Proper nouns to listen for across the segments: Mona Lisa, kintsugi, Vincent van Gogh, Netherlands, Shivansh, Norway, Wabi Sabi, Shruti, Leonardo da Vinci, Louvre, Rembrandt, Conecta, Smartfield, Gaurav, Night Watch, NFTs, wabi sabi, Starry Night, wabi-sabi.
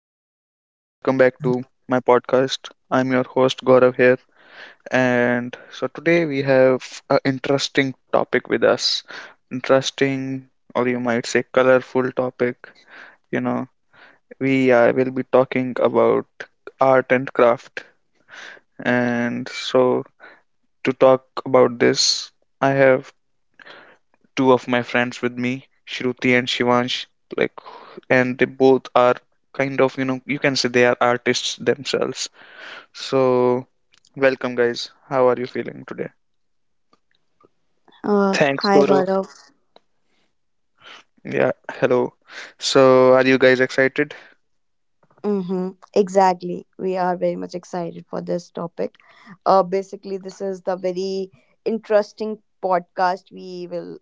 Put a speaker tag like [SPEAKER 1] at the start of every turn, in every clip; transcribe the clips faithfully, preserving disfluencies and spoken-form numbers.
[SPEAKER 1] guys. Welcome back to my podcast. I'm your host Gaurav here, and so today we have an interesting topic with us. Interesting, or you might say, colorful topic. You know, we uh, will be talking about art and craft, and so to talk about this, I have two of my friends with me, Shruti and Shivansh. Like, and they both are kind of, you know, you can say they are artists themselves. So, welcome, guys. How are you feeling today?
[SPEAKER 2] Uh,
[SPEAKER 3] Thanks,
[SPEAKER 2] hi,
[SPEAKER 3] Gaurav.
[SPEAKER 2] Gaurav.
[SPEAKER 1] Yeah, hello. So, are you guys excited?
[SPEAKER 2] Mm-hmm. Exactly. We are very much excited for this topic. Uh, basically, this is the very interesting podcast we will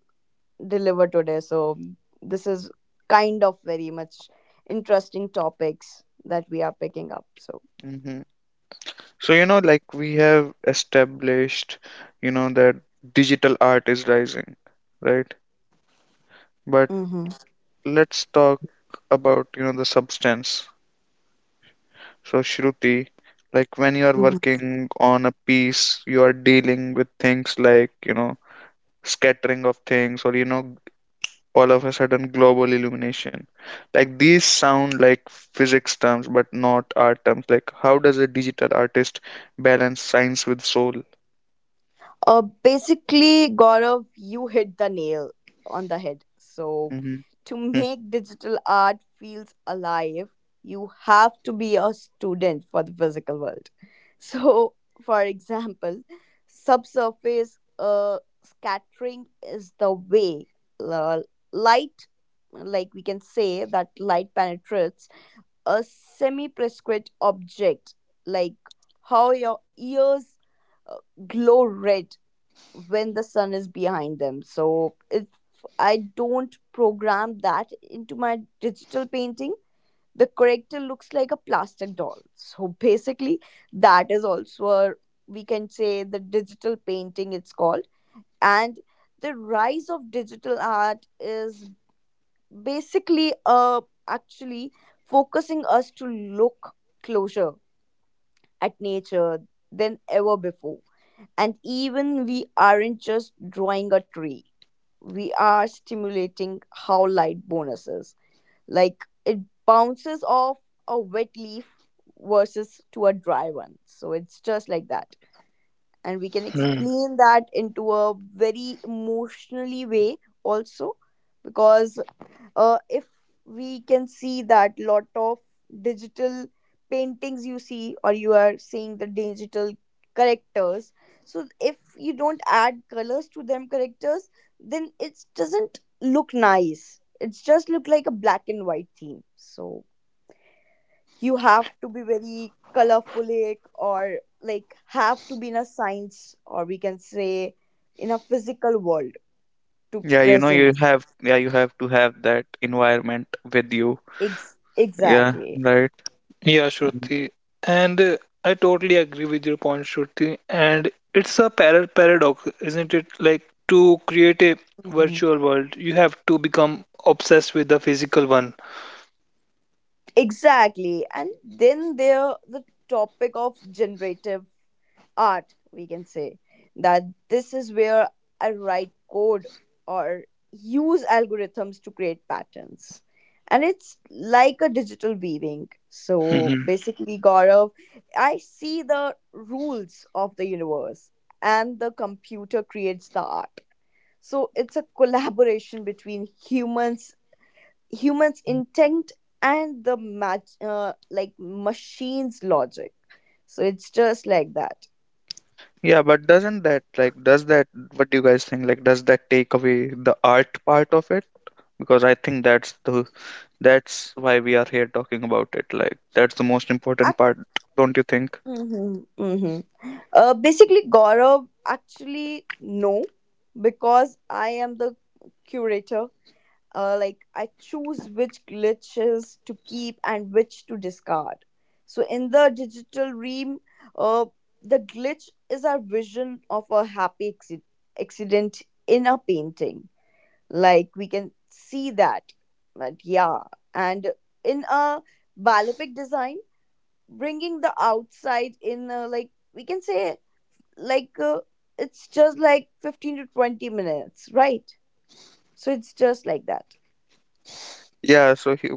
[SPEAKER 2] deliver today. So, this is kind of very much interesting topics that we are picking up. So,
[SPEAKER 1] Hmm. So, you know, like we have established, you know, that digital art is rising, right? But
[SPEAKER 2] mm-hmm.
[SPEAKER 1] let's talk about, you know, the substance. So, Shruti, like when you are
[SPEAKER 2] Mm-hmm.
[SPEAKER 1] working on a piece, you are dealing with things like, you know, scattering of things, or, you know, all of a sudden global illumination. Like, these sound like physics terms but not art terms. Like, how does a digital artist balance science with soul?
[SPEAKER 2] Uh, basically, Gaurav, you hit the nail on the head. So,
[SPEAKER 1] Mm-hmm.
[SPEAKER 2] to
[SPEAKER 1] Hmm.
[SPEAKER 2] make digital art feels alive, you have to be a student for the physical world. So, for example, subsurface uh, scattering is the way uh, light, like we can say that light penetrates a semi-prescript object, like how your ears uh, glow red when the sun is behind them. So if I don't program that into my digital painting, the corrector looks like a plastic doll. So basically, that is also a we can say the digital painting it's called, and the rise of digital art is basically uh actually focusing us to look closer at nature than ever before, and even we aren't just drawing a tree, we are stimulating how light bonuses. Like it bounces off a wet leaf versus to a dry one. So it's just like that. And we can
[SPEAKER 3] Hmm.
[SPEAKER 2] explain that into a very emotionally way also because uh, if we can see that lot of digital paintings you see, or you are seeing the digital characters, so if you don't add colors to them characters, then it doesn't look nice, it's just look like a black and white theme. So you have to be very colorfulic, or like have to be in a science, or we can say in a physical world to
[SPEAKER 1] yeah you know
[SPEAKER 2] present.
[SPEAKER 1] you have yeah you have to have that environment with you.
[SPEAKER 2] Ex-
[SPEAKER 1] Yeah,
[SPEAKER 2] exactly
[SPEAKER 1] right.
[SPEAKER 3] Yeah,
[SPEAKER 1] Mhm.
[SPEAKER 3] Shruti. And uh, I totally agree with your point, Shruti. And it's a par paradox, isn't it? Like to create a virtual world, you have to become obsessed with the physical one.
[SPEAKER 2] Exactly. And then there the topic of generative art, we can say that this is where I write code or use algorithms to create patterns. And it's like a digital weaving. So
[SPEAKER 3] Mhm.
[SPEAKER 2] basically, Gaurav, I see the rules of the universe and the computer creates the art. So it's a collaboration between humans humans intent and the match uh, like machines logic, so it's just like that.
[SPEAKER 1] Yeah, but doesn't that like does that what do you guys think? Like, does that take away the art part of it? Because I think that's the that's why we are here talking about it. Like, that's the most important
[SPEAKER 2] Ac-
[SPEAKER 1] part. Don't you think?
[SPEAKER 2] hmm hmm Uh, basically, Gaurav, actually, no, because I am the curator, uh, like I choose which glitches to keep and which to discard. So in the digital realm, uh, the glitch is our vision of a happy acci- accident in a painting. Like we can see that, but yeah, and in a balopic design, bringing the outside in, uh, like we can say, like uh, it's just like fifteen to twenty minutes, right? So it's just like that.
[SPEAKER 1] Yeah, so he,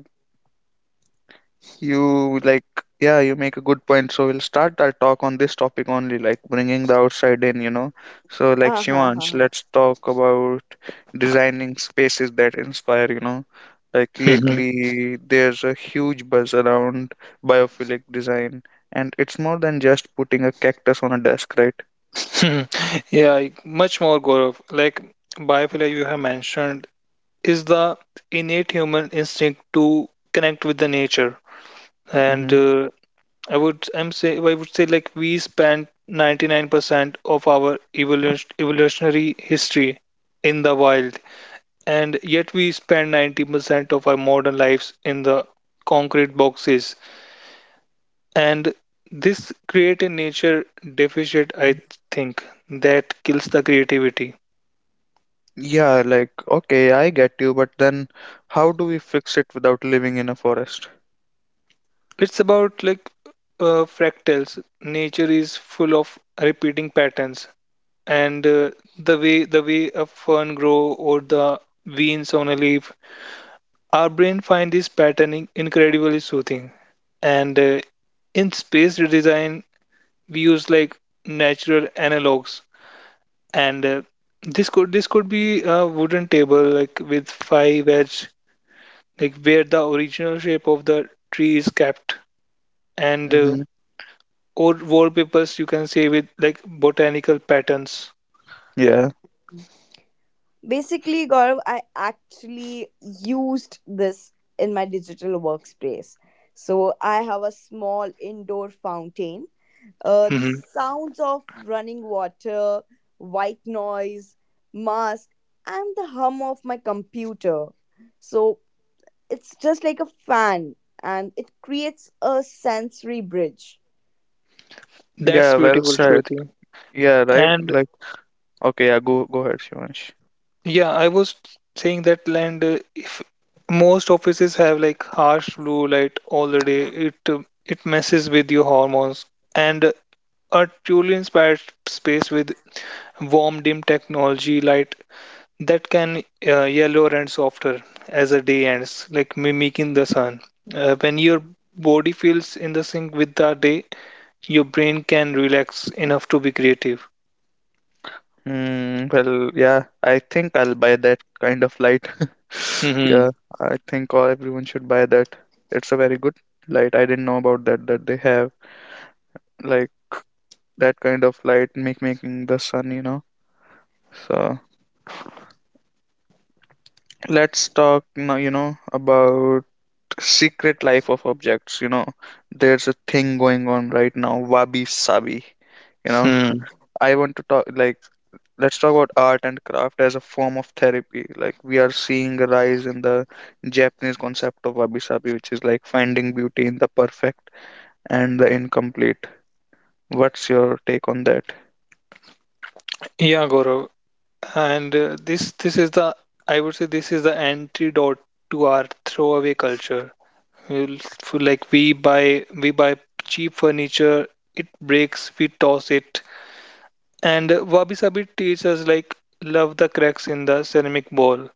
[SPEAKER 1] You like, yeah, you make a good point. So we'll start our talk on this topic only, like bringing the outside in, you know. So, like,
[SPEAKER 2] Uh
[SPEAKER 1] Shivansh,
[SPEAKER 2] huh.
[SPEAKER 1] let's talk about designing spaces that inspire, you know. Like,
[SPEAKER 3] Mhm.
[SPEAKER 1] lately, there's a huge buzz around biophilic design, and it's more than just putting a cactus on a desk, right?
[SPEAKER 3] Mhm. Yeah, much more, Gaurav. Like biophilia you have mentioned is the innate human instinct to connect with the nature. And
[SPEAKER 1] Mm-hmm.
[SPEAKER 3] uh, I would I'm say I would say like we spent ninety-nine percent of our evolution, evolutionary history in the wild, and yet we spend ninety percent of our modern lives in the concrete boxes. And this create a nature deficit, I think, that kills the creativity.
[SPEAKER 1] Yeah, like, okay, I get you, but then how do we fix it without living in a forest?
[SPEAKER 3] It's about like uh, fractals. Nature is full of repeating patterns. And uh, the way the way a fern grow, or the veins on a leaf, our brain find this patterning incredibly soothing, and uh, in space design, we use like natural analogs, and uh, this could this could be a wooden table like with five edge, like where the original shape of the tree is kept, and uh,
[SPEAKER 1] Mm-hmm.
[SPEAKER 3] or wallpapers you can say with like botanical patterns.
[SPEAKER 1] Yeah.
[SPEAKER 2] Basically, Gaurav, I actually used this in my digital workspace. So I have a small indoor fountain, uh, the
[SPEAKER 3] hmm
[SPEAKER 2] sounds of running water, white noise mask, and the hum of my computer. So it's just like a fan, and it creates a sensory bridge.
[SPEAKER 3] that's
[SPEAKER 1] Yeah, well
[SPEAKER 3] beautiful,
[SPEAKER 1] said.
[SPEAKER 3] Shruti.
[SPEAKER 1] Yeah, right.
[SPEAKER 3] And
[SPEAKER 1] Like Okay, yeah, go go ahead, Shivansh.
[SPEAKER 3] Yeah, I was saying that land, uh, if most offices have like harsh blue light all the day, it uh, it messes with your hormones. And a truly inspired space with warm dim technology light that can uh, yellow and softer as the day ends, like mimicking the sun. Uh, when your body feels in the sync with the day, your brain can relax enough to be creative.
[SPEAKER 1] Hmm, well, yeah, I think I'll buy that kind of light. Yeah,
[SPEAKER 3] hmm
[SPEAKER 1] I think all everyone should buy that. It's a very good light. I didn't know about that that they have, like, that kind of light make making the sun, you know. So let's talk now, you know, about secret life of objects. You know, there's a thing going on right now: wabi sabi. You know,
[SPEAKER 3] Hmm.
[SPEAKER 1] I want to talk like let's talk about art and craft as a form of therapy. Like, we are seeing a rise in the Japanese concept of wabi-sabi, which is like finding beauty in the perfect and the incomplete. What's your take on that?
[SPEAKER 3] Yeah, Gaurav. And uh, this this is the I would say this is the antidote to our throwaway culture. We'll feel like we buy we buy cheap furniture, it breaks, we toss it. And Wabi Sabi teaches us like love the cracks in the ceramic bowl.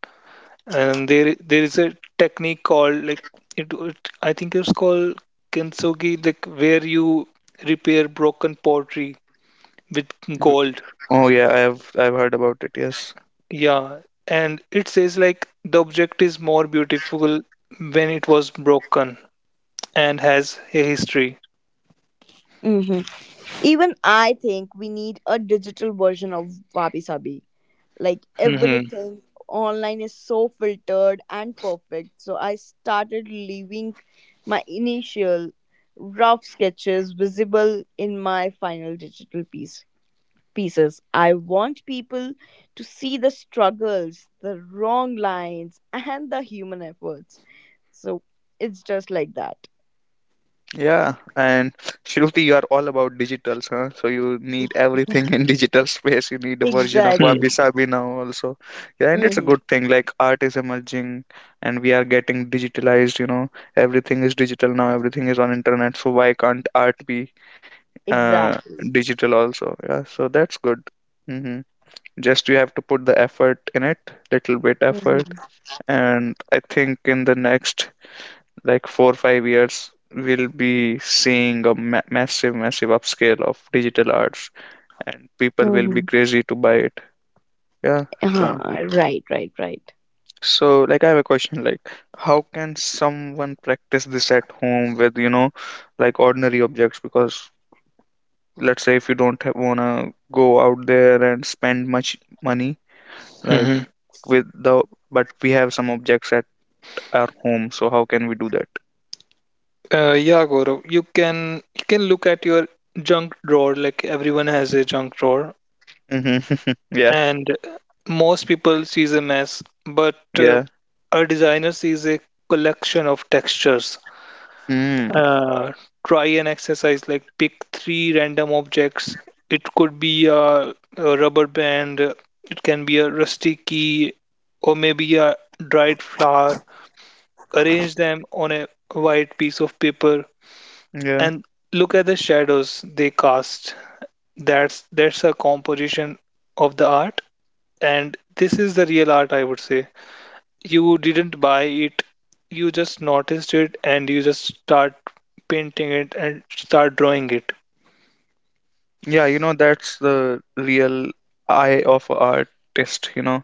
[SPEAKER 3] And there there is a technique called like it, it I think it's called kintsugi, like where you repair broken pottery with
[SPEAKER 1] W-
[SPEAKER 3] gold.
[SPEAKER 1] Oh yeah, I have I've heard about it. Yes.
[SPEAKER 3] Yeah, and it says like the object is more beautiful when it was broken and has a history.
[SPEAKER 2] Hmm. Even I think we need a digital version of wabi sabi. Like
[SPEAKER 3] Mm-hmm.
[SPEAKER 2] everything online is so filtered and perfect, so I started leaving my initial rough sketches visible in my final digital piece pieces I want people to see the struggles, the wrong lines, and the human efforts. So it's just like that.
[SPEAKER 1] Yeah, and Shruti, you are all about digitals, huh? So you need everything in digital space. You need a version of
[SPEAKER 2] Exactly.
[SPEAKER 1] Wabi Sabi now also. Yeah, and it's a
[SPEAKER 2] Hmm.
[SPEAKER 1] good thing. Like, art is emerging, and we are getting digitalized. You know, everything is digital now. Everything is on internet. So why can't art be uh
[SPEAKER 2] Exactly.
[SPEAKER 1] digital also? Yeah, so that's good. Mm-hmm. Just you have to put the effort in it, little bit effort,
[SPEAKER 2] Hmm.
[SPEAKER 1] and I think in the next, like, four five years we'll be seeing a ma- massive massive upscale of digital arts, and people will be
[SPEAKER 2] Hmm.
[SPEAKER 1] crazy to buy it. Yeah. So,
[SPEAKER 2] uh right, right, right.
[SPEAKER 1] so like I have a question. Like, how can someone practice this at home with, you know like, ordinary objects? Because, let's say if you don't have, wanna go out there and spend much money, like
[SPEAKER 3] Mm-hmm.
[SPEAKER 1] with the but we have some objects at our home, so how can we do that?
[SPEAKER 3] Uh, yeah, Gaurav, you can you can look at your junk drawer. Like everyone has a junk drawer,
[SPEAKER 1] Hmm. Yeah.
[SPEAKER 3] and most people sees a mess, but uh,
[SPEAKER 1] Yeah.
[SPEAKER 3] a designer sees a collection of textures.
[SPEAKER 1] Mm.
[SPEAKER 3] uh, Try an exercise like pick three random objects. It could be a, a rubber band, it can be a rusty key, or maybe a dried flower. Arrange them on a white piece of paper
[SPEAKER 1] Yeah.
[SPEAKER 3] and look at the shadows they cast. That's that's a composition of the art, and this is the real art, I would say. You didn't buy it, you just noticed it and you just start painting it and start drawing it.
[SPEAKER 1] Yeah, you know, that's the real eye of a artist, you know.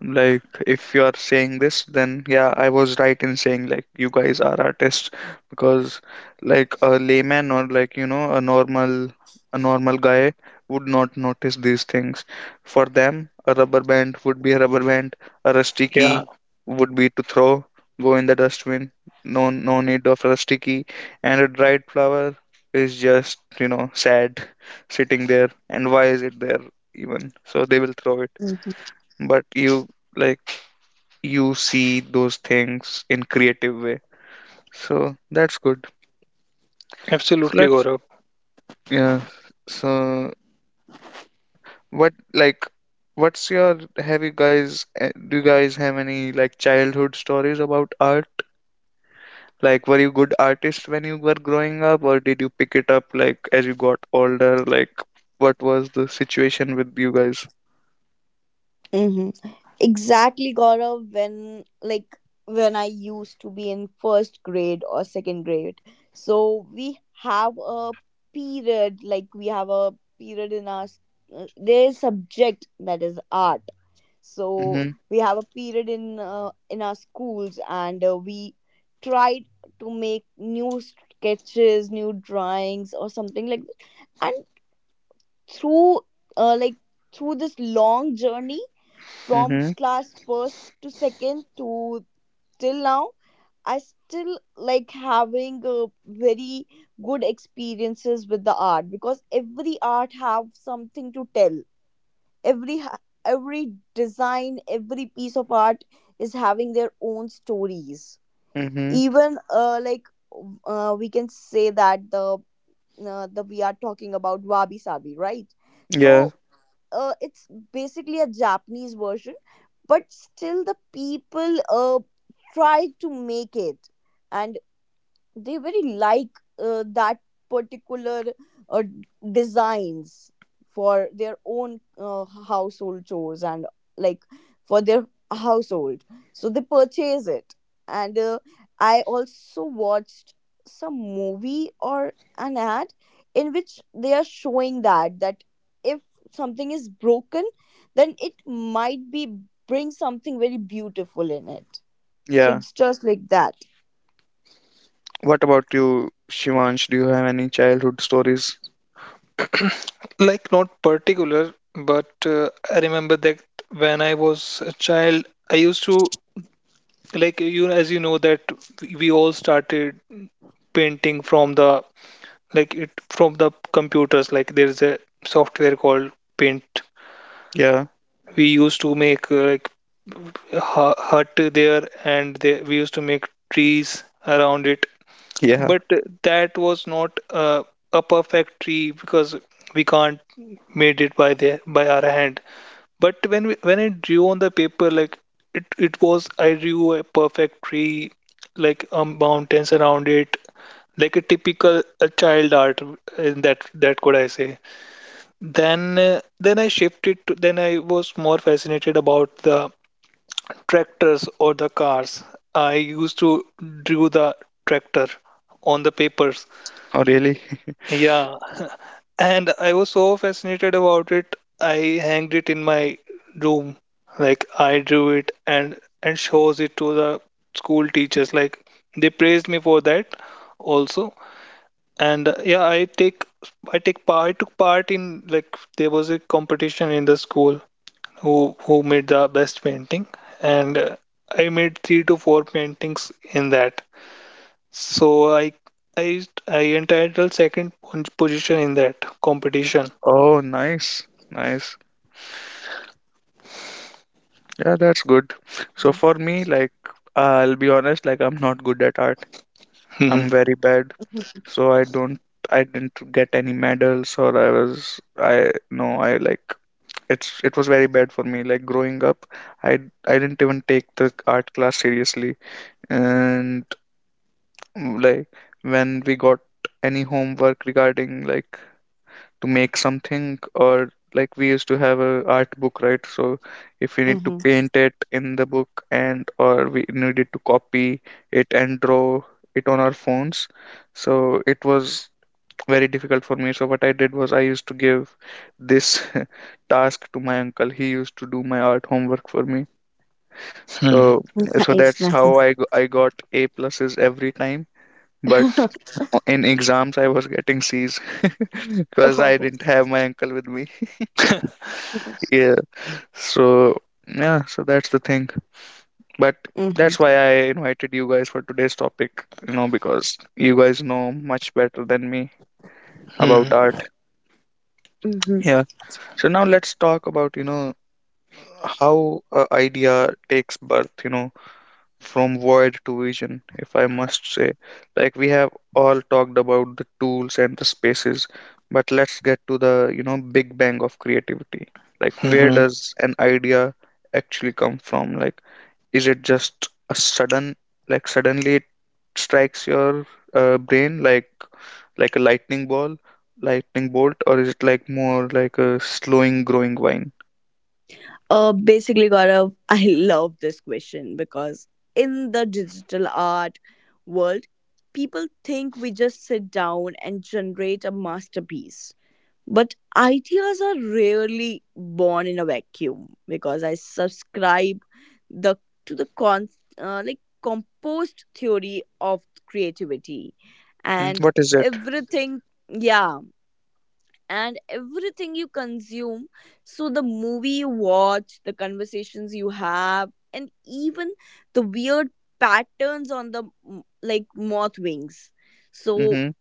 [SPEAKER 1] Like, if you are saying this, then yeah, I was right in saying like you guys are artists, because, like, a layman or, like, you know a normal a normal guy would not notice these things. For them, a rubber band would be a rubber band, a rusty
[SPEAKER 3] yeah
[SPEAKER 1] key would be to throw, go in the dustbin. No, no need of rusty key, and a dried flower is just you know sad sitting there. And why is it there even? So they will throw it, but you, like, you see those things in creative way, so that's good. So
[SPEAKER 3] Absolutely,
[SPEAKER 1] let's,
[SPEAKER 3] Gaurav.
[SPEAKER 1] yeah, so what like what's your have you guys eh, do you guys have any, like, childhood stories about art? Like, were you good artist when you were growing up, or did you pick it up like as you got older? Like, what was the situation with you guys?
[SPEAKER 2] Mm-hmm. Exactly, Gaurav. When like when I used to be in first grade or second grade, so we have a period, like we have a period in our s- uh, there is subject that is art. So
[SPEAKER 1] Mm-hmm.
[SPEAKER 2] we have a period in uh, in our schools, and uh, we tried to make new sketches, new drawings, or something like that. And through uh, like through this long journey from
[SPEAKER 1] Mm-hmm.
[SPEAKER 2] class first to second to till now, I still like having uh, very good experiences with the art, because every art have something to tell. every ha- every design, every piece of art is having their own stories.
[SPEAKER 1] Mm-hmm.
[SPEAKER 2] Even uh, like uh, we can say that the uh, the we are talking about wabi sabi, right?
[SPEAKER 1] Yeah.
[SPEAKER 2] So uh, it's basically a Japanese version, but still the people uh, try to make it. And they very like uh, that particular uh, designs for their own uh, household chores, and like for their household, so they purchase it. And uh, I also watched some movie or an ad in which they are showing that that if something is broken, then it might be bring something very beautiful in it. So
[SPEAKER 1] Yeah.
[SPEAKER 2] it's just like that.
[SPEAKER 1] What about you, Shivansh? Do you have any childhood stories?
[SPEAKER 3] Like not particular, but uh, I remember that when I was a child I used to, like, you as you know that we all started painting from the, like it, from the computers, like there's a software called Paint.
[SPEAKER 1] Yeah,
[SPEAKER 3] We used to make uh, like hu- hut there and they, we used to make trees around it,
[SPEAKER 1] yeah.
[SPEAKER 3] but that was not uh, a perfect tree because we can't made it by the by our hand. But when we, when I drew on the paper, like it, it was, I drew a perfect tree, like um, mountains around it, like a typical uh, child art in that, that could I say. Then uh, then I shifted to, then I was more fascinated about the tractors or the cars. I used to draw the tractor on the papers.
[SPEAKER 1] Oh, really?
[SPEAKER 3] Yeah, and I was so fascinated about it. I hanged it in my room. Like I drew it and and shows it to the school teachers. Like they praised me for that also. And uh, yeah, I take I take part. I took part in like there was a competition in the school, who who made the best painting, and uh, I made three to four paintings in that. So I I I entitled second position in that competition.
[SPEAKER 1] Oh, nice, nice. Yeah, that's good. So for me, like, I'll be honest, like, I'm not good at art. I'm
[SPEAKER 3] Mhm,
[SPEAKER 1] very bad. So I don't, I didn't get any medals, or I was, I no, I like, it's, it was very bad for me. Like growing up, I, I didn't even take the art class seriously, and like when we got any homework regarding like to make something, or like we used to have a art book, right? So if we need to
[SPEAKER 2] Hmm.
[SPEAKER 1] paint it in the book, and or we needed to copy it and draw it on our phones. So it was very difficult for me. So what I did was I used to give this task to my uncle. He used to do my art homework for me.
[SPEAKER 3] mhm,
[SPEAKER 1] So so that's
[SPEAKER 2] Iceland.
[SPEAKER 1] how i g- i got a pluses every time. But in exams, I was getting C's because I
[SPEAKER 2] Oh.
[SPEAKER 1] didn't have my uncle with me. Yeah. So yeah, so that's the thing. But that's
[SPEAKER 2] Hmm.
[SPEAKER 1] why I invited you guys for today's topic, you know, because you guys know much better than me about
[SPEAKER 3] mhm,
[SPEAKER 1] art.
[SPEAKER 2] Mm-hmm.
[SPEAKER 1] Yeah. So now let's talk about, you know, how a idea takes birth, you know, from void to vision, if I must say. Like, we have all talked about the tools and the spaces, but let's get to the, you know, big bang of creativity. Like, where
[SPEAKER 3] mhm,
[SPEAKER 1] does an idea actually come from? Like, is it just a sudden, like suddenly it strikes your uh, brain, like like a lightning ball, lightning bolt, or is it like more like a slowing growing vine?
[SPEAKER 2] Uh, basically, Gaurav, I love this question because in the digital art world, people think we just sit down and generate a masterpiece. But ideas are rarely born in a vacuum because I subscribe the to the con uh, like composed theory of creativity,
[SPEAKER 1] Mhm.
[SPEAKER 2] and
[SPEAKER 1] What is it?
[SPEAKER 2] everything. Yeah, and everything you consume. So, the movie you watch, the conversations you have, and even the weird patterns on the m- like moth wings. So,
[SPEAKER 1] Mm-hmm.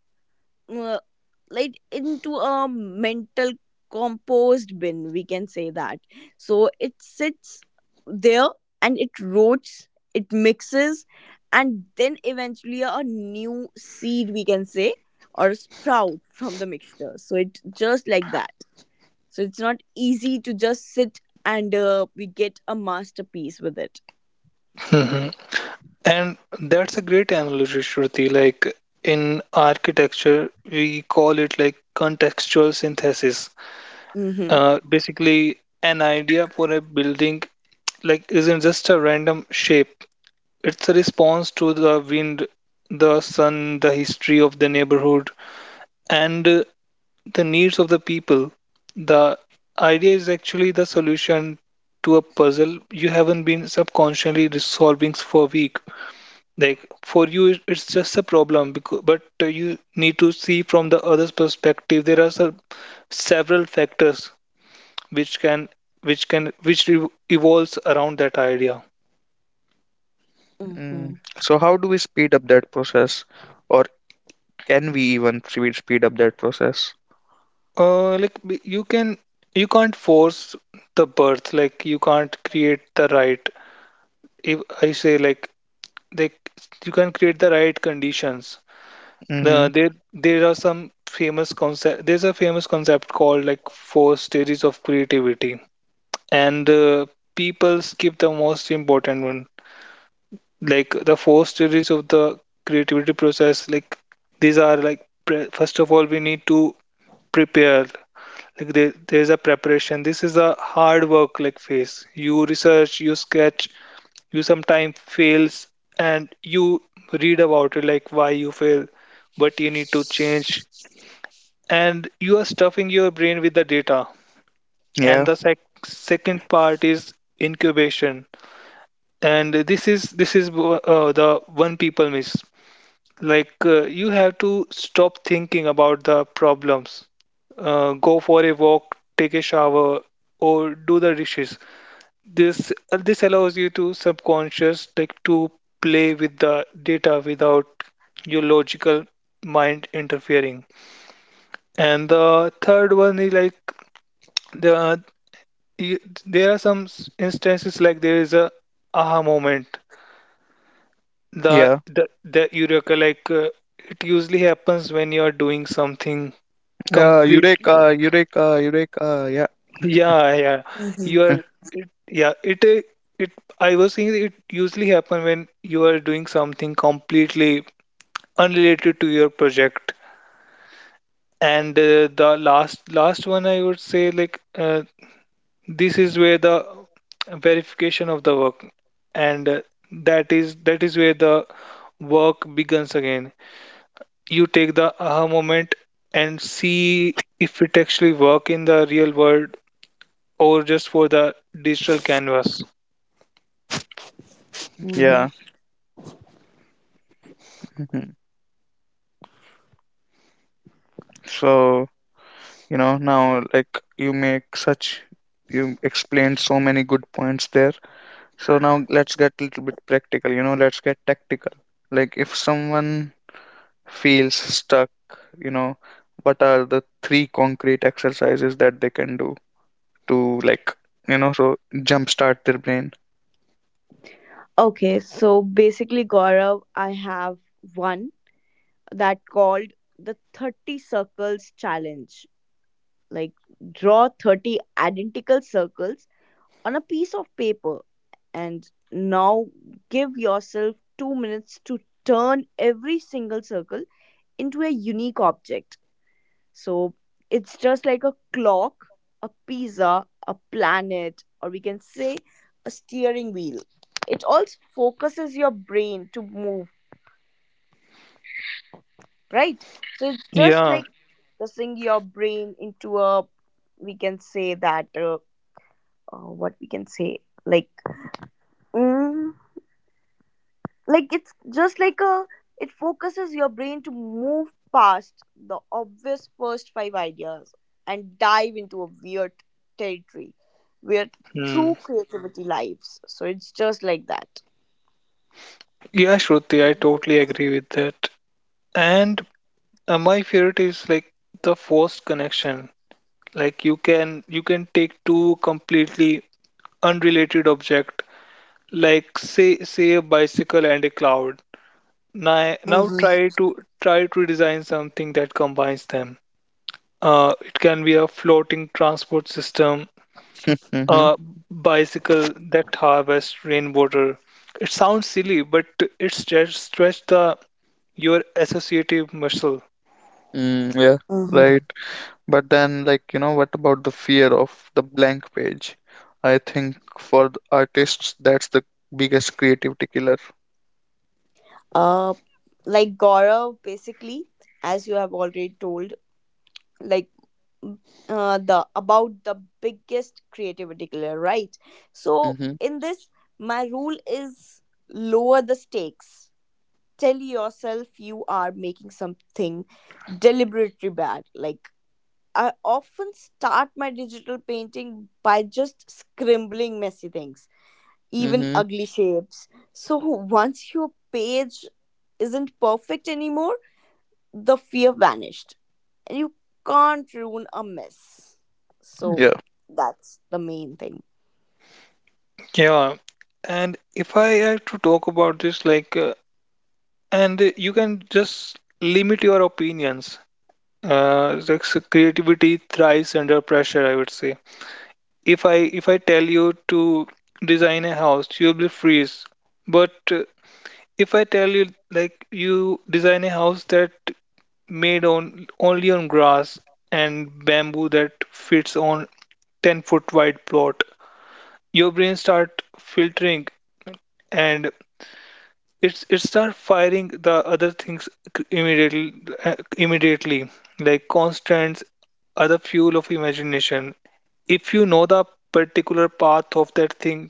[SPEAKER 2] uh, like into a mental compost bin, we can say that. So it sits there and it rots, it mixes, and then eventually a new seed, we can say, or a sprout from the mixture. So it just like that. So it's not easy to just sit, and uh, we get a masterpiece with it.
[SPEAKER 3] mhm. And that's a great analogy, Shruti. Like in architecture, we call it like contextual synthesis.
[SPEAKER 2] Mm-hmm.
[SPEAKER 3] Uh, basically, an idea for a building like isn't just a random shape. It's a response to the wind, the sun, the history of the neighborhood, and uh, the needs of the people. The idea is actually the solution to a puzzle you haven't been subconsciously resolving for week. Like for you, it- it's just a problem, because, but uh, you need to see from the other's perspective. There are some, several factors which can which can which re- evolves around that idea.
[SPEAKER 2] Mm-hmm.
[SPEAKER 1] Mm. So how do we speed up that process, or can we even speed speed up that process?
[SPEAKER 3] Uh, like b- you can you can't force the birth. Like you can't create the right. If I say like they you can create the right conditions.
[SPEAKER 1] Mm-hmm.
[SPEAKER 3] Uh, there there are some famous concept. There's a famous concept called like four stages of creativity, and uh, people skip the most important one. Like the four stages of the creativity process. Like these are like pre- first of all we need to prepare. Like there, there's a preparation, this is a hard work like phase, you research, you sketch, you sometimes fails, and you read about it like why you fail, what you need to change, and you are stuffing your brain with the data. and
[SPEAKER 1] Yeah,
[SPEAKER 3] the sec- second part is incubation, and this is this is uh, the one people miss. Like uh, you have to stop thinking about the problems. Uh, go for a walk, take a shower, or do the dishes. This uh, this allows you to subconscious, like to play with the data without your logical mind interfering. And the third one is like the you, there are some s- instances, like there is a aha moment, the
[SPEAKER 1] yeah,
[SPEAKER 3] the the eureka, like uh, it usually happens when you are doing something
[SPEAKER 1] yeah.
[SPEAKER 3] complete.
[SPEAKER 1] Eureka, eureka, eureka. Yeah.
[SPEAKER 3] Yeah yeah
[SPEAKER 2] Mm-hmm.
[SPEAKER 3] you
[SPEAKER 1] Mhm.
[SPEAKER 3] are it, yeah it uh, It, I was saying it usually happen when you are doing something completely unrelated to your project. And uh, the last last one, I would say, like uh, this is where the verification of the work, and uh, that is that is where the work begins again. You take the aha moment and see if it actually work in the real world or just for the digital canvas.
[SPEAKER 2] Mm-hmm.
[SPEAKER 1] Yeah. Hmm. So, you know now, like, you make such you explained so many good points there. So now let's get a little bit practical. You know let's get tactical. Like, if someone feels stuck, you know what are the three concrete exercises that they can do to, like, you know so, jumpstart their brain?
[SPEAKER 2] Okay, so basically, Gaurav, I have one that called the thirty circles challenge. Like, draw thirty identical circles on a piece of paper, and now give yourself two minutes to turn every single circle into a unique object. So, it's just like a clock, a pizza, a planet, or we can say a steering wheel. It also focuses your brain to move, right? So, it's just
[SPEAKER 3] Yeah.
[SPEAKER 2] like pressing your brain into a, we can say that, uh, uh, what we can say, like, mm, like it's just like a, it focuses your brain to move past the obvious first five ideas and dive into a weird territory where true
[SPEAKER 3] Hmm.
[SPEAKER 2] creativity lives. So it's just like that.
[SPEAKER 3] Yeah, Shruti, I totally agree with that. And uh, my favorite is like the forced connection. Like you can you can take two completely unrelated object, like say say a bicycle and a cloud. Now, now try
[SPEAKER 2] Mm-hmm,
[SPEAKER 3] to try to design something that combines them. Uh, it can be a floating transport system,
[SPEAKER 1] Mm-hmm.
[SPEAKER 3] uh, bicycle that harvest rainwater. It sounds silly, but it stretch, stretch the your associative muscle.
[SPEAKER 1] Mm, yeah.
[SPEAKER 2] mm-hmm.
[SPEAKER 1] Right. But then, like, you know what about the fear of the blank page? I think for the artists that's the biggest creativity killer.
[SPEAKER 2] uh like Gaurav, basically, as you have already told, like, uh, the about the biggest creativity killer, right? So
[SPEAKER 1] Mm-hmm.
[SPEAKER 2] in this, my rule is lower the stakes. Tell yourself you are making something deliberately bad. Like I often start my digital painting by just scribbling messy things, even
[SPEAKER 1] Mm-hmm.
[SPEAKER 2] ugly shapes. So once your page isn't perfect anymore, the fear vanished, and you can't ruin a mess. So
[SPEAKER 1] Yeah.
[SPEAKER 2] that's the main thing.
[SPEAKER 3] Yeah, and if I had to talk about this, like, uh, and you can just limit your opinions. Uh, like, so creativity thrives under pressure, I would say. If I if I tell you to design a house, you'll be freeze. But uh, if I tell you like you design a house that made on only on grass and bamboo that fits on ten foot wide plot, your brain start filtering, and it's it start firing the other things immediately, uh, immediately like constants are the fuel of imagination. If you know the particular path of that thing,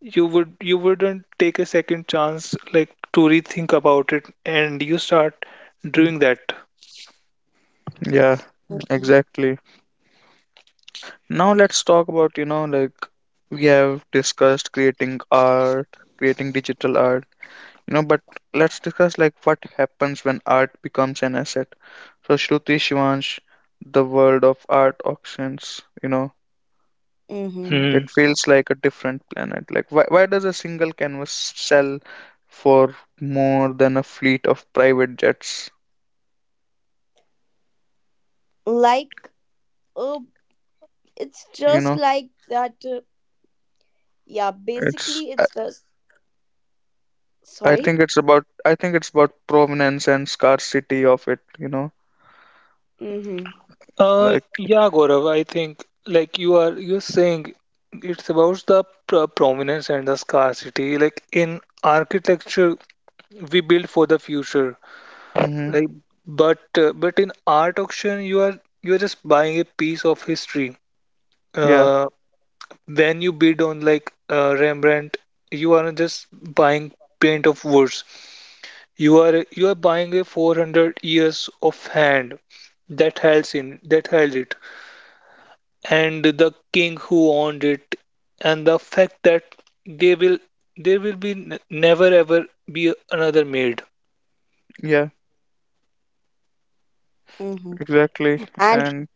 [SPEAKER 3] you would you wouldn't take a second chance like to rethink about it, and you start doing that.
[SPEAKER 1] Yeah.
[SPEAKER 2] Mm-hmm.
[SPEAKER 1] Exactly. Now let's talk about, you know, like, we have discussed creating art, creating digital art, you know, but let's discuss like what happens when art becomes an asset. So, Shruti, Shivansh, the world of art auctions, you know,
[SPEAKER 2] Mm-hmm.
[SPEAKER 1] it
[SPEAKER 3] Hmm.
[SPEAKER 1] feels like a different planet. Like, why why does a single canvas sell for more than a fleet of private jets?
[SPEAKER 2] Like, uh, it's
[SPEAKER 1] You
[SPEAKER 2] just
[SPEAKER 1] know,
[SPEAKER 2] like that. Uh, yeah,
[SPEAKER 1] it's
[SPEAKER 2] basically, it's just,
[SPEAKER 1] I
[SPEAKER 2] sorry.
[SPEAKER 1] think it's about I think it's about provenance and scarcity of it, you know.
[SPEAKER 2] Mm-hmm.
[SPEAKER 3] Uh,
[SPEAKER 1] Like.
[SPEAKER 3] yeah, Gaurav, I think like you are you're saying it's about the pr prominence and the scarcity. Like in architecture, we build for the future,
[SPEAKER 1] Hmm.
[SPEAKER 3] like, but uh, but in art auction, you are you are just buying a piece of history.
[SPEAKER 1] Yeah,
[SPEAKER 3] Uh, when you bid on like uh, Rembrandt, you aren't just buying paint of words. You are you are buying a four hundred years of hand that held in that held it, and the king who owned it, and the fact that they will there will be n never ever be another made.
[SPEAKER 1] yeah,
[SPEAKER 2] Mm-hmm.
[SPEAKER 1] exactly.
[SPEAKER 2] And
[SPEAKER 1] And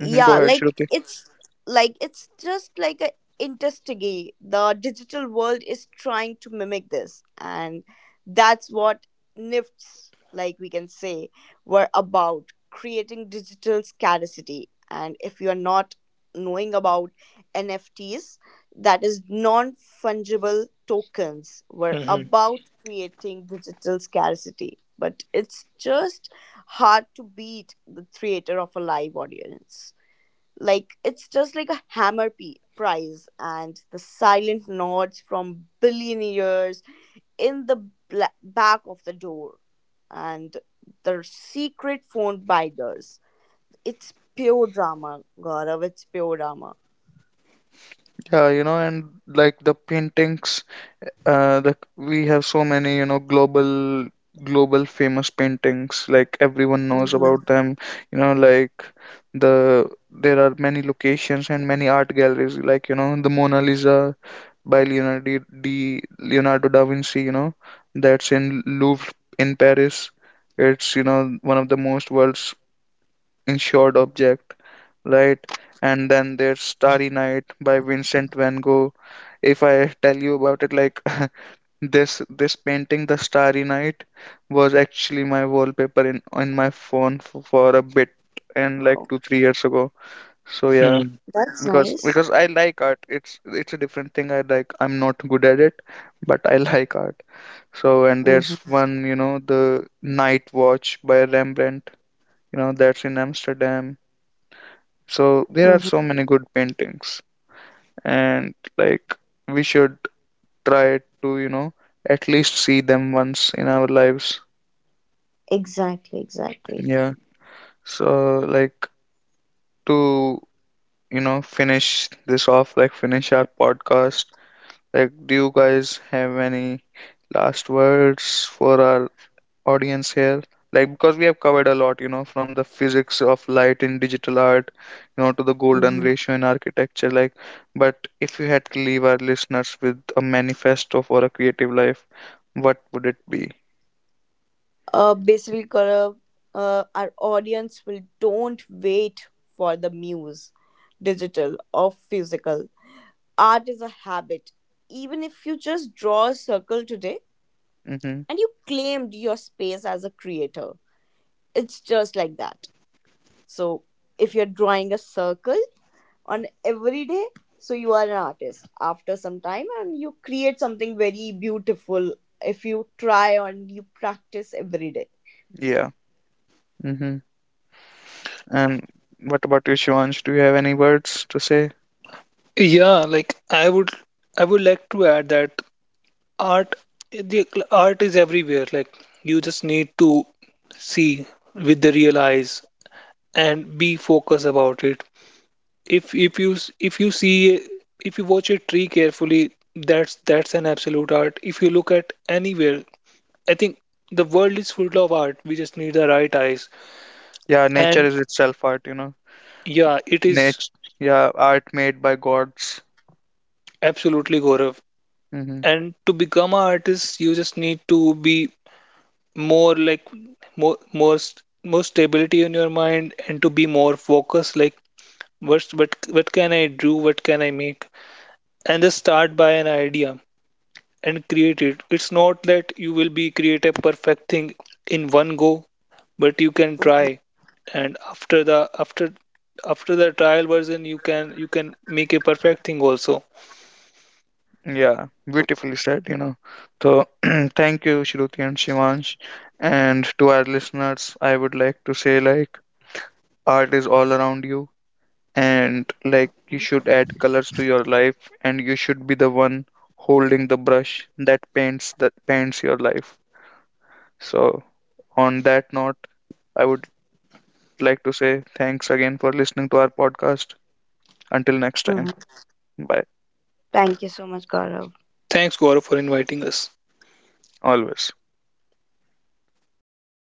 [SPEAKER 1] hmm, go
[SPEAKER 2] yeah,
[SPEAKER 1] ahead,
[SPEAKER 2] like
[SPEAKER 1] Shruti.
[SPEAKER 2] it's like it's just like a interstigy. The digital world is trying to mimic this, and that's what nifts, like we can say, were about, creating digital scarcity. And if you are not knowing about nfts, that is non fungible tokens, were
[SPEAKER 3] Mhm,
[SPEAKER 2] about creating digital scarcity, but it's just hard to beat the theater of a live audience. Like it's just like a hammer p- prize, and the silent nods from billionaires in the bla- back of the door, and the secret phone binders. It's pure drama, Gaurav, it's pure drama.
[SPEAKER 1] Yeah, you know, and like the paintings, uh the we have so many, you know, global global famous paintings, like everyone knows
[SPEAKER 2] Mm-hmm.
[SPEAKER 1] about them, you know, like the there are many locations and many art galleries, like, you know, the Mona Lisa, by Leonardo D Leonardo da Vinci, you know, that's in Louvre in Paris. It's, you know, one of the most world's insured object, right? And then there's Starry Night by Vincent van Gogh. If I tell you about it, like this this painting, The Starry Night, was actually my wallpaper in on my phone for, for a bit and like
[SPEAKER 2] Oh,
[SPEAKER 1] two, three years ago. So yeah,
[SPEAKER 3] mhm.
[SPEAKER 2] that's
[SPEAKER 1] because
[SPEAKER 2] nice.
[SPEAKER 1] because I like art. It's it's a different thing. I like. I'm not good at it, but I like art. So, and there's
[SPEAKER 2] Mm-hmm.
[SPEAKER 1] one, you know, the Night Watch by Rembrandt. You know, that's in Amsterdam. So there are
[SPEAKER 2] Mm-hmm.
[SPEAKER 1] so many good paintings, and like we should try to, you know, at least see them once in our lives.
[SPEAKER 2] Exactly, exactly.
[SPEAKER 1] Yeah. So, like, to you know finish this off, like finish our podcast. Like, do you guys have any last words for our audience here? Like, because we have covered a lot, you know, from the physics of light in digital art, you know, to the golden
[SPEAKER 2] Mm-hmm.
[SPEAKER 1] ratio in architecture. Like, but if you had to leave our listeners with a manifesto for a creative life, what would it be?
[SPEAKER 2] Uh basically, Gaurav, uh, our audience will don't wait for the muse. Digital or physical, art is a habit. Even if you just draw a circle today
[SPEAKER 1] Mm-hmm.
[SPEAKER 2] and you claimed your space as a creator, it's just like that. So, if you're drawing a circle on every day, so you are an artist after some time, and you create something very beautiful, if you try and you practice every day.
[SPEAKER 1] Yeah. Mm-hmm. And what about you, Shivansh? Do you have any words to say?
[SPEAKER 3] Yeah, like i would I would like to add that art the art is everywhere. Like you just need to see with the real eyes and be focused about it. if if you s- if you see, if you watch a tree carefully, that's that's an absolute art. If you look at anywhere, I think the world is full of art. We just need the right eyes.
[SPEAKER 1] Yeah, nature
[SPEAKER 3] And
[SPEAKER 1] is itself art, you know.
[SPEAKER 3] yeah, it is
[SPEAKER 1] Nature, yeah, art made by gods.
[SPEAKER 3] absolutely, Gaurav.
[SPEAKER 1] Hmm.
[SPEAKER 3] And to become an artist, you just need to be more like more more st- more stability in your mind and to be more focused. Like what what what can I do? What can I make? And just start by an idea and create it. It's not that you will be create a perfect thing in one go, but you can try. And after the after after the trial version, you can you can make a perfect thing also.
[SPEAKER 1] Yeah, beautifully said, you know. So thank you, Shruti and Shivansh. And to our listeners, I would like to say like art is all around you, and like you should add colors to your life, and you should be the one holding the brush that paints that paints your life. So on that note, I would like to say thanks again for listening to our podcast. Until next time.
[SPEAKER 2] Mhm.
[SPEAKER 1] Bye.
[SPEAKER 2] Thank you so much, Gaurav.
[SPEAKER 3] Thanks, Gaurav, for inviting us.
[SPEAKER 1] Always.